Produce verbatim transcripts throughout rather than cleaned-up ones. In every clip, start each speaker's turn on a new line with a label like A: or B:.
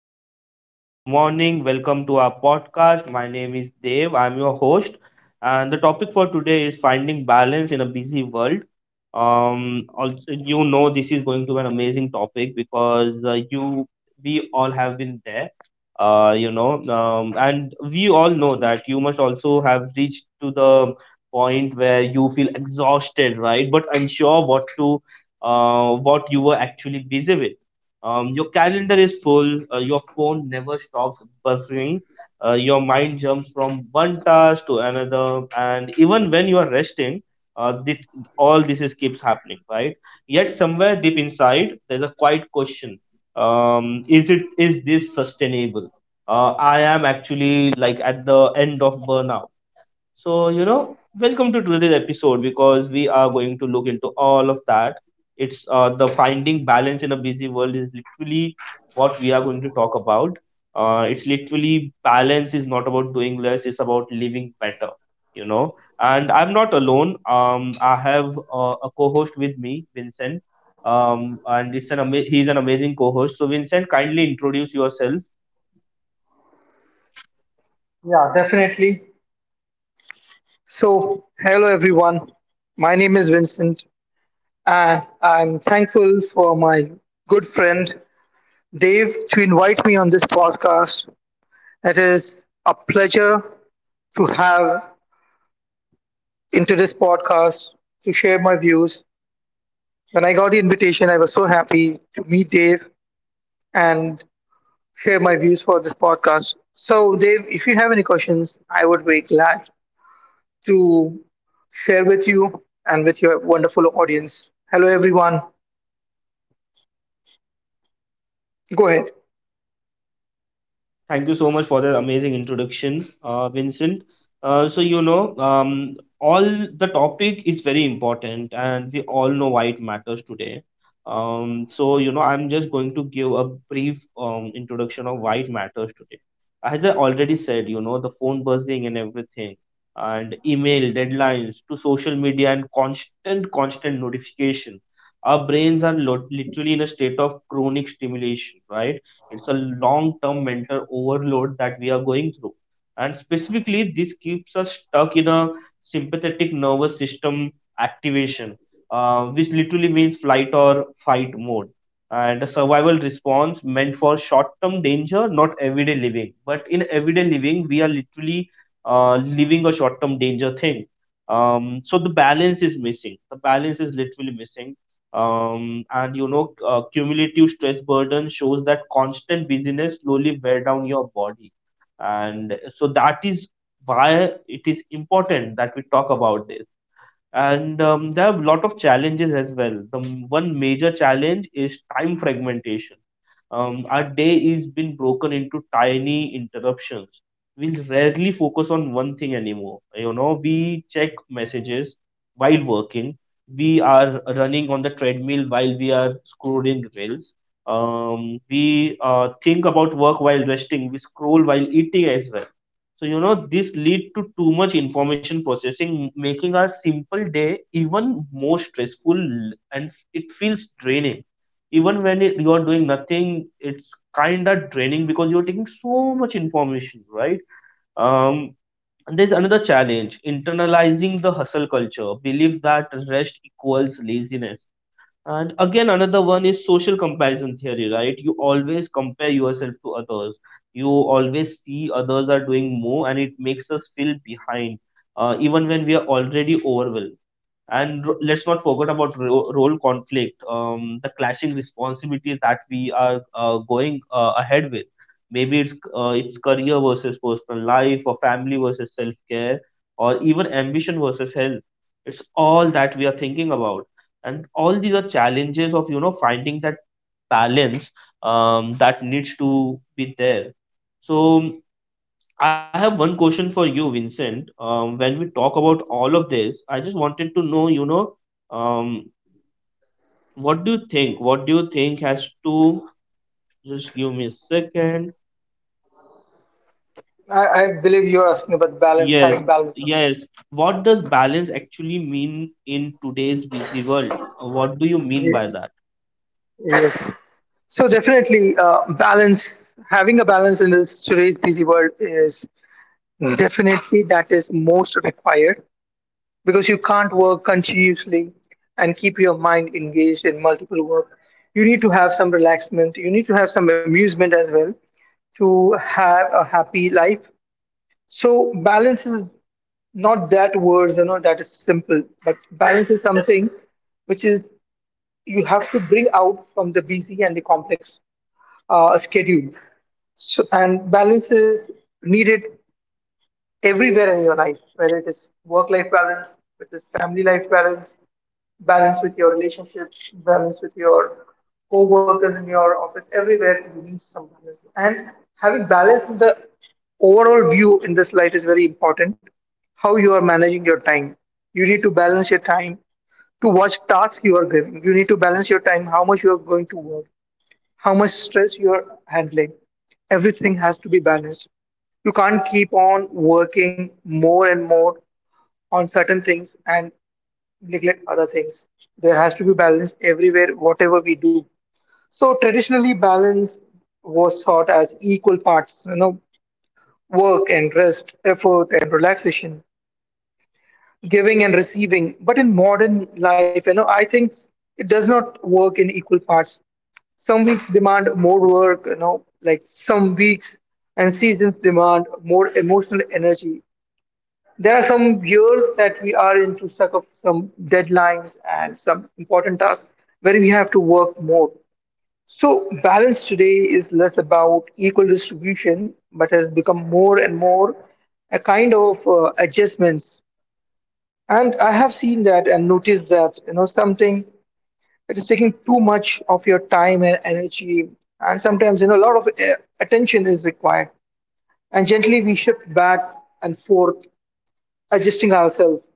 A: everyone, and good morning. Welcome to our podcast. My name is Dave. I'm your host, and the topic for today is finding balance in a busy world. Um, also, you know this is going to be an amazing topic because uh, you, we all have been there. Uh, you know, um, and we all know that you must also have reached to the point where you feel exhausted, right? But unsure what to, uh, what you were actually busy with. Um, your calendar is full. Uh, your phone never stops buzzing. Uh, your mind jumps from one task to another, and even when you are resting, uh, th- all this is keeps happening, right? Yet somewhere deep inside, there's a quiet question: um, Is it is this sustainable? Uh, I am actually like at the end of burnout, so, you know, welcome to today's episode because we are going to look into all of that. It's uh, the finding balance in a busy world is literally what we are going to talk about. Uh, it's literally Balance is not about doing less, it's about living better, you know. And I'm not alone. Um, I have uh, a co host with me, Vincent. Um, and it's an ama- He's an amazing co host. So, Vincent, kindly introduce yourself.
B: Yeah, definitely. So, hello everyone. My name is Vincent, and I'm thankful for my good friend Dave to invite me on this podcast. It is a pleasure to have into this podcast to share my views. When I got the invitation, I was so happy to meet Dave and share my views for this podcast. So, Dave, if you have any questions, I would be glad to share with you and with your wonderful audience. Hello, everyone. Go ahead.
A: Thank you so much for that amazing introduction, uh, Vincent. Uh, so, you know, um, all the topic is very important, and we all know why it matters today. Um, so, you know, I'm just going to give a brief um, introduction of why it matters today. As I already said, you know, the phone buzzing and everything, and email deadlines to social media and constant, constant notification. Our brains are lo- literally in a state of chronic stimulation, right? It's a long term mental overload that we are going through, and specifically this keeps us stuck in a sympathetic nervous system activation, uh, which literally means flight or fight mode, and a survival response meant for short term danger, not everyday living, but in everyday living we are literally uh, living a short term danger thing. Um, so the balance is missing, the balance is literally missing. Um, and you know uh, cumulative stress burden shows that constant busyness slowly wear down your body, and so that is why it is important that we talk about this. And um, there are a lot of challenges as well. The m- one major challenge is time fragmentation. Um, our day is been broken into tiny interruptions. We rarely focus on one thing anymore. You know we check messages while working, we are running on the treadmill while we are scrolling reels. Um, we uh, think about work while resting, we scroll while eating as well. So, you know, this lead to too much information processing, making our simple day even more stressful, and f- it feels draining. Even when it, you're doing nothing, it's kind of draining because you're taking so much information, right? Um, and there's another challenge, internalizing the hustle culture, belief that rest equals laziness. And again, another one is social comparison theory, right? You always compare yourself to others. You always see others are doing more, and it makes us feel behind, uh, even when we are already overwhelmed. And r- let's not forget about ro- role conflict, um, the clashing responsibilities that we are uh, going uh, ahead with. Maybe it's uh, it's career versus personal life, or family versus self care, or even ambition versus health. It's all that we are thinking about, and all these are challenges of you know finding that balance um, that needs to be there. So, um, I have one question for you, Vincent. Um, when we talk about all of this, I just wanted to know. you know um, what do you think what do you think has to... just give me a second.
B: I, I believe you're asking about balance,
A: Yes,
B: having balance.
A: yes, what does balance actually mean in today's busy world? What do you mean by
B: Ye-
A: that?
B: Yes. So, definitely, uh, balance, having a balance in this today's busy world is definitely that is most required because you can't work continuously and keep your mind engaged in multiple work. You need to have some relaxment, you need to have some amusement as well to have a happy life. So, balance is not that words, you know, that is simple, but balance is something which is you have to bring out from the busy and the complex uh, schedule. So, and balance is needed everywhere in your life, whether it is work life balance, it is family life balance, balance with your relationships, balance with your co-workers in your office, everywhere you need some balance. And having balance in the overall view in this light is very important. How you are managing your time. You need to balance your time to watch task you are giving. You need to balance your time, how much you are going to work, how much stress you are handling. Everything has to be balanced. You can't keep on working more and more on certain things and neglect other things. There has to be balance everywhere, whatever we do. So traditionally, balance was thought as equal parts, you know, work and rest, effort and relaxation, giving and receiving. But in modern life, you know, I think it does not work in equal parts. Some weeks demand more work, you know, like some weeks and seasons demand more emotional energy. There are some years that we are into stuck of some deadlines and some important tasks where we have to work more. So balance today is less about equal distribution, but has become more and more a kind of uh, adjustments. And I have seen that and noticed that you know something that is taking too much of your time and energy, and sometimes you know a lot of uh, attention is required. And gently we shift back and forth, adjusting ourselves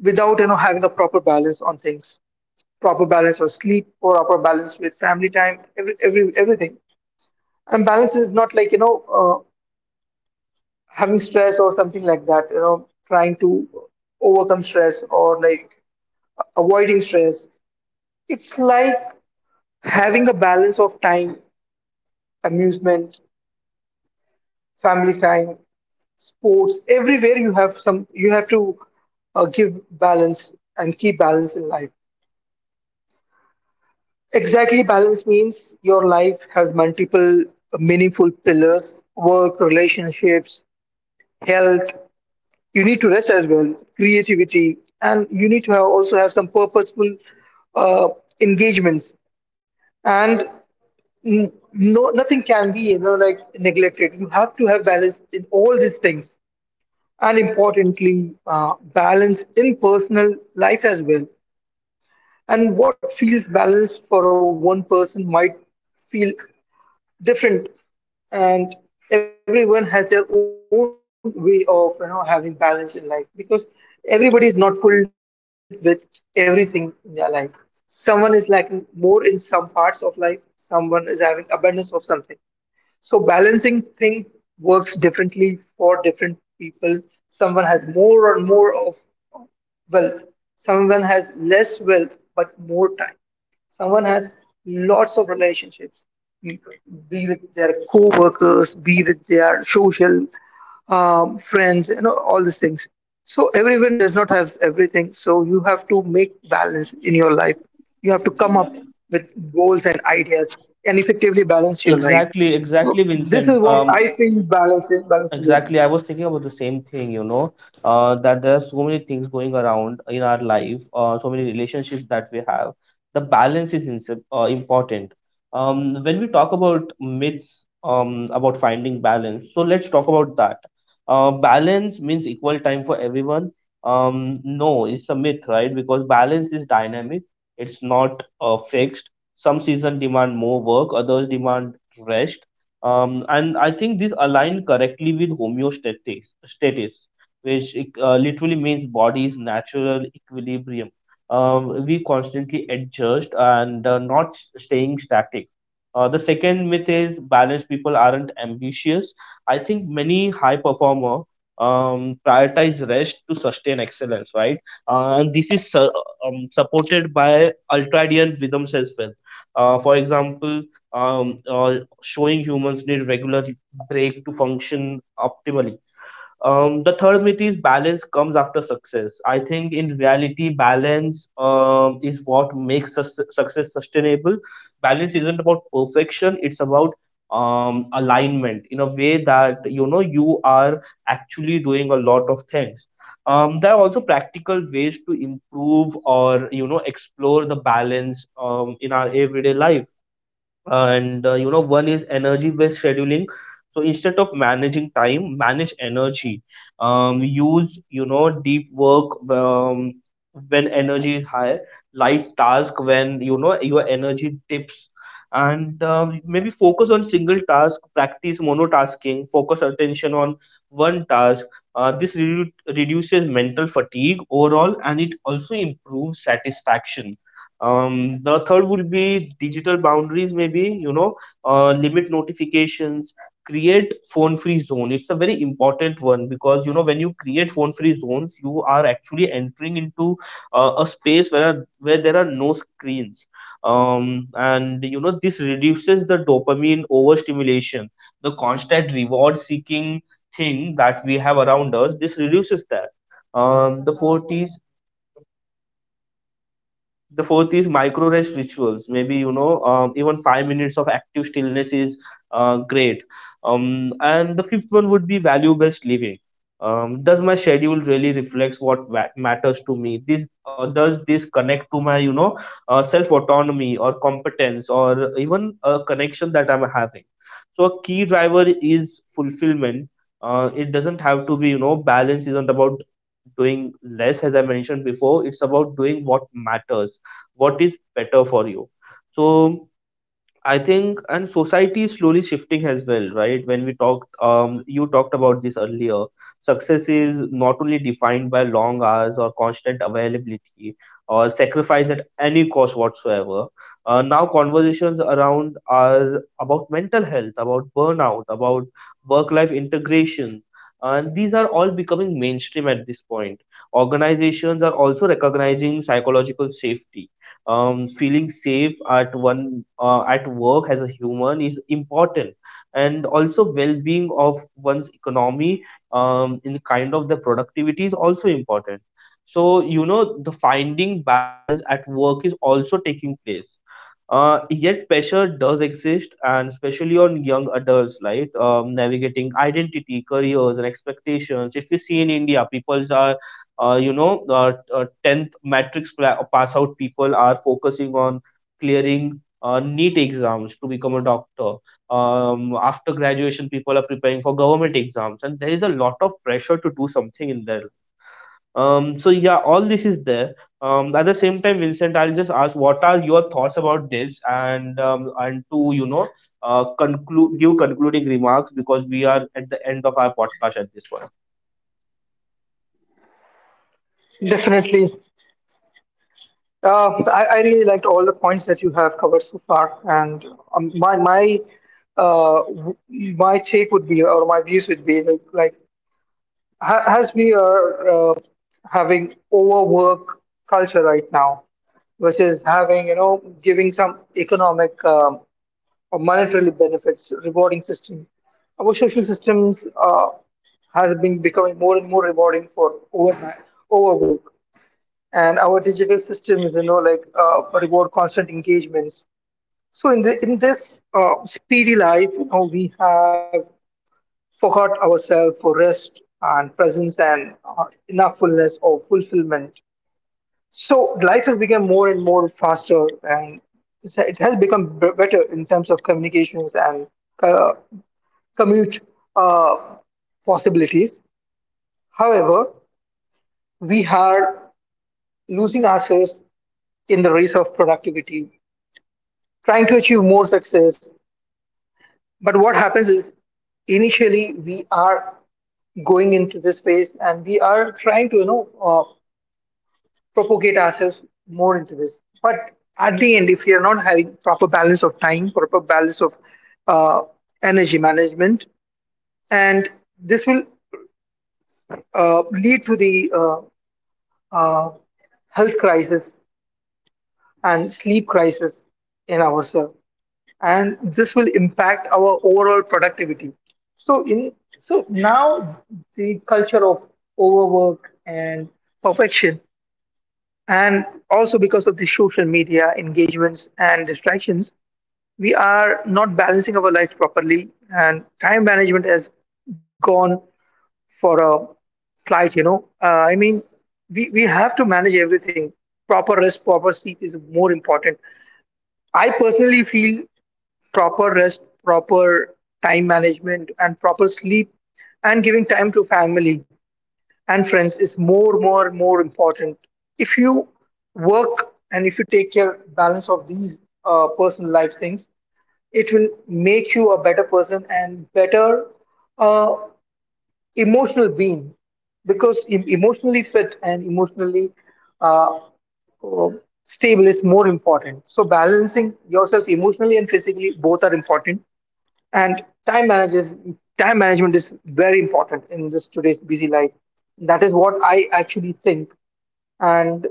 B: without you know having a proper balance on things, proper balance for sleep, proper balance with family time, every, every everything. And balance is not like you know uh, having stress or something like that, you know, trying to overcome stress or like avoiding stress. It's like having a balance of time, amusement, family time, sports, everywhere you have some, you have to uh, give balance and keep balance in life. Exactly, balance means your life has multiple meaningful pillars, work, relationships, health. You need to rest as well, creativity, and you need to have also have some purposeful uh, engagements. And n- no, nothing can be you know like neglected. You have to have balance in all these things, and importantly, uh, balance in personal life as well. And what feels balanced for a one person might feel different, and everyone has their own way of you know having balance in life because everybody is not filled with everything in their life. Someone is lacking more in some parts of life, someone is having abundance of something, so balancing thing works differently for different people. Someone has more or more of wealth, someone has less wealth but more time. Someone has lots of relationships, be with their co-workers, be with their social um, friends, you know, all these things. So everyone does not have everything. So you have to make balance in your life. You have to come up with goals and ideas and effectively balance your life.
A: Exactly, exactly,
B: So this is
A: Vincent.
B: what
A: Um,
B: I feel balance. Balancing is
A: Exactly. I was thinking about the same thing, you know, uh, that there are so many things going around in our life, uh, so many relationships that we have. The balance is inse- uh, important. Um, when we talk about myths um, about finding balance, so let's talk about that. Uh, balance means equal time for everyone. Um, no, it's a myth, right? Because balance is dynamic, it's not uh, fixed. Some seasons demand more work, others demand rest, um, and I think this aligned correctly with homeostasis, status, which uh, literally means body's natural equilibrium. Um, we constantly adjust and uh, not s- staying static. Uh, the second myth is balanced people aren't ambitious. I think many high performer um, prioritize rest to sustain excellence, right? Uh, and this is su- um, supported by ultradian rhythms as well. Uh, for example, um, or showing humans need regular break to function optimally. Um, the third myth is balance comes after success. I think in reality, balance um, is what makes sus- success sustainable. Balance isn't about perfection; it's about um, alignment in a way that you know you are actually doing a lot of things. Um, there are also practical ways to improve or you know explore the balance um, in our everyday life. And uh, you know one is energy based scheduling. So instead of managing time, manage energy. Um, use you know deep work um, when energy is high, light task when you know your energy dips. And um, maybe focus on single task, practice monotasking, focus attention on one task. Uh, this redu- reduces mental fatigue overall, and it also improves satisfaction. Um, the third would be digital boundaries, maybe, you know, uh, limit notifications, create phone free zone. It's a very important one because, you know, when you create phone free zones, you are actually entering into uh, a space where, where there are no screens. Um, and, you know, this reduces the dopamine overstimulation, the constant reward seeking thing that we have around us. This reduces that. Um, the fourth is the fourth is micro rest rituals, maybe you know um, even five minutes of active stillness is uh, great. Um, and the fifth one would be value based living. Um, does my schedule really reflects what va- matters to me? This uh, Does this connect to my you know uh, self autonomy or competence or even a connection that I'm having? So a key driver is fulfillment. Uh, it doesn't have to be you know Balance isn't about doing less, as I mentioned before, it's about doing what matters, what is better for you. So I think, and society is slowly shifting as well, right? When we talked, um you talked about this earlier. Success is not only defined by long hours or constant availability or sacrifice at any cost whatsoever. Uh, now conversations around are about mental health, about burnout, about work life integration, and these are all becoming mainstream at this point. Organizations are also recognizing psychological safety. Um, feeling safe at one uh, at work as a human is important. And also well-being of one's economy, um, in kind of the productivity is also important. So you know the finding balance at work is also taking place. Uh, yet pressure does exist, and especially on young adults, right? Um, navigating identity, careers, and expectations. If you see in India, people are uh, you know, uh, t- uh, tenth matrix pla- pass out, people are focusing on clearing uh, NEET exams to become a doctor. Um, after graduation, people are preparing for government exams, and there is a lot of pressure to do something in their life. Um, so, yeah, all this is there. Um, at the same time, Vincent, I'll just ask what are your thoughts about this, and um, and to you know, uh, conclude give concluding remarks because we are at the end of our podcast at this point.
B: definitely. Uh, I, I really liked all the points that you have covered so far, and um, my my uh, w- my take would be, or my views would be, like, like ha- as we are uh, having overwork culture right now, which is having you know giving some economic um, or monetary benefits, rewarding system. Our social systems uh, has been becoming more and more rewarding for over overwork, and our digital systems, you know, like uh, reward constant engagements. So in the in this uh, speedy life, you know, we have forgot ourselves for rest and presence and uh, enough fullness or fulfillment. So life has become more and more faster, and it's- it has become b- better in terms of communications and uh, commute uh, possibilities. However, we are losing ourselves in the race of productivity, trying to achieve more success. But what happens is initially we are going into this space and we are trying to you know uh, propagate ourselves more into this. But at the end, if we are not having proper balance of time, proper balance of uh, energy management, and this will uh, lead to the uh, uh, health crisis and sleep crisis in ourselves. And this will impact our overall productivity. So in so now the culture of overwork and perfection, and also because of the social media engagements and distractions, we are not balancing our life properly, and time management has gone for a flight, you know, uh, I mean, we, we have to manage everything. Proper rest, proper sleep is more important. I personally feel proper rest, proper time management, and proper sleep, and giving time to family and friends is more, more, more important. If you work and if you take care balance of these uh, personal life things, it will make you a better person and better uh, emotional being, because em- emotionally fit and emotionally uh, uh, stable is more important. So balancing yourself emotionally and physically both are important. And time manages time management is very important in this today's busy life. That is what I actually think. And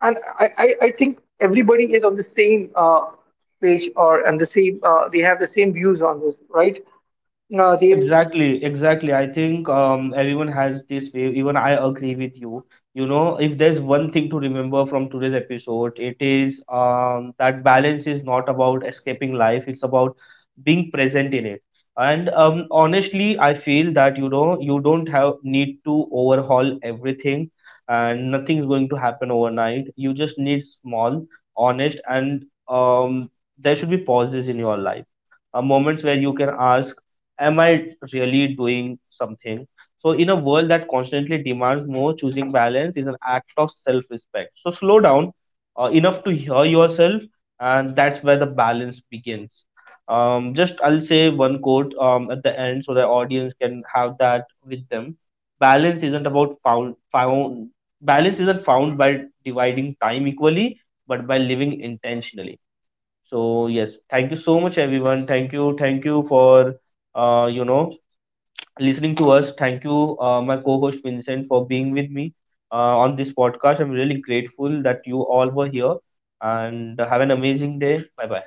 B: and i i, I think everybody is on the same uh, page, or and the same uh, they have the same views on this, right? uh, they've
A: Exactly, exactly. I think um, everyone has this way. Even I agree with you. You know, if there's one thing to remember from today's episode, it is um, that balance is not about escaping life, it's about being present in it. And um, honestly, I feel that, you know, you don't have need to overhaul everything, and nothing is going to happen overnight. You just need small, honest, and um, there should be pauses in your life, uh, moments where you can ask, am I really doing something? So, in a world that constantly demands more, choosing balance is an act of self respect. So, slow down uh, enough to hear yourself, and that's where the balance begins. Um, just I'll say one quote um, at the end so the audience can have that with them. Balance isn't about found, found balance isn't found by dividing time equally, but by living intentionally. So yes, thank you so much, everyone. Thank you, thank you for uh, you know listening to us. Thank you, uh, my co-host Vincent, for being with me uh, on this podcast. I'm really grateful that you all were here, and have an amazing day. Bye bye.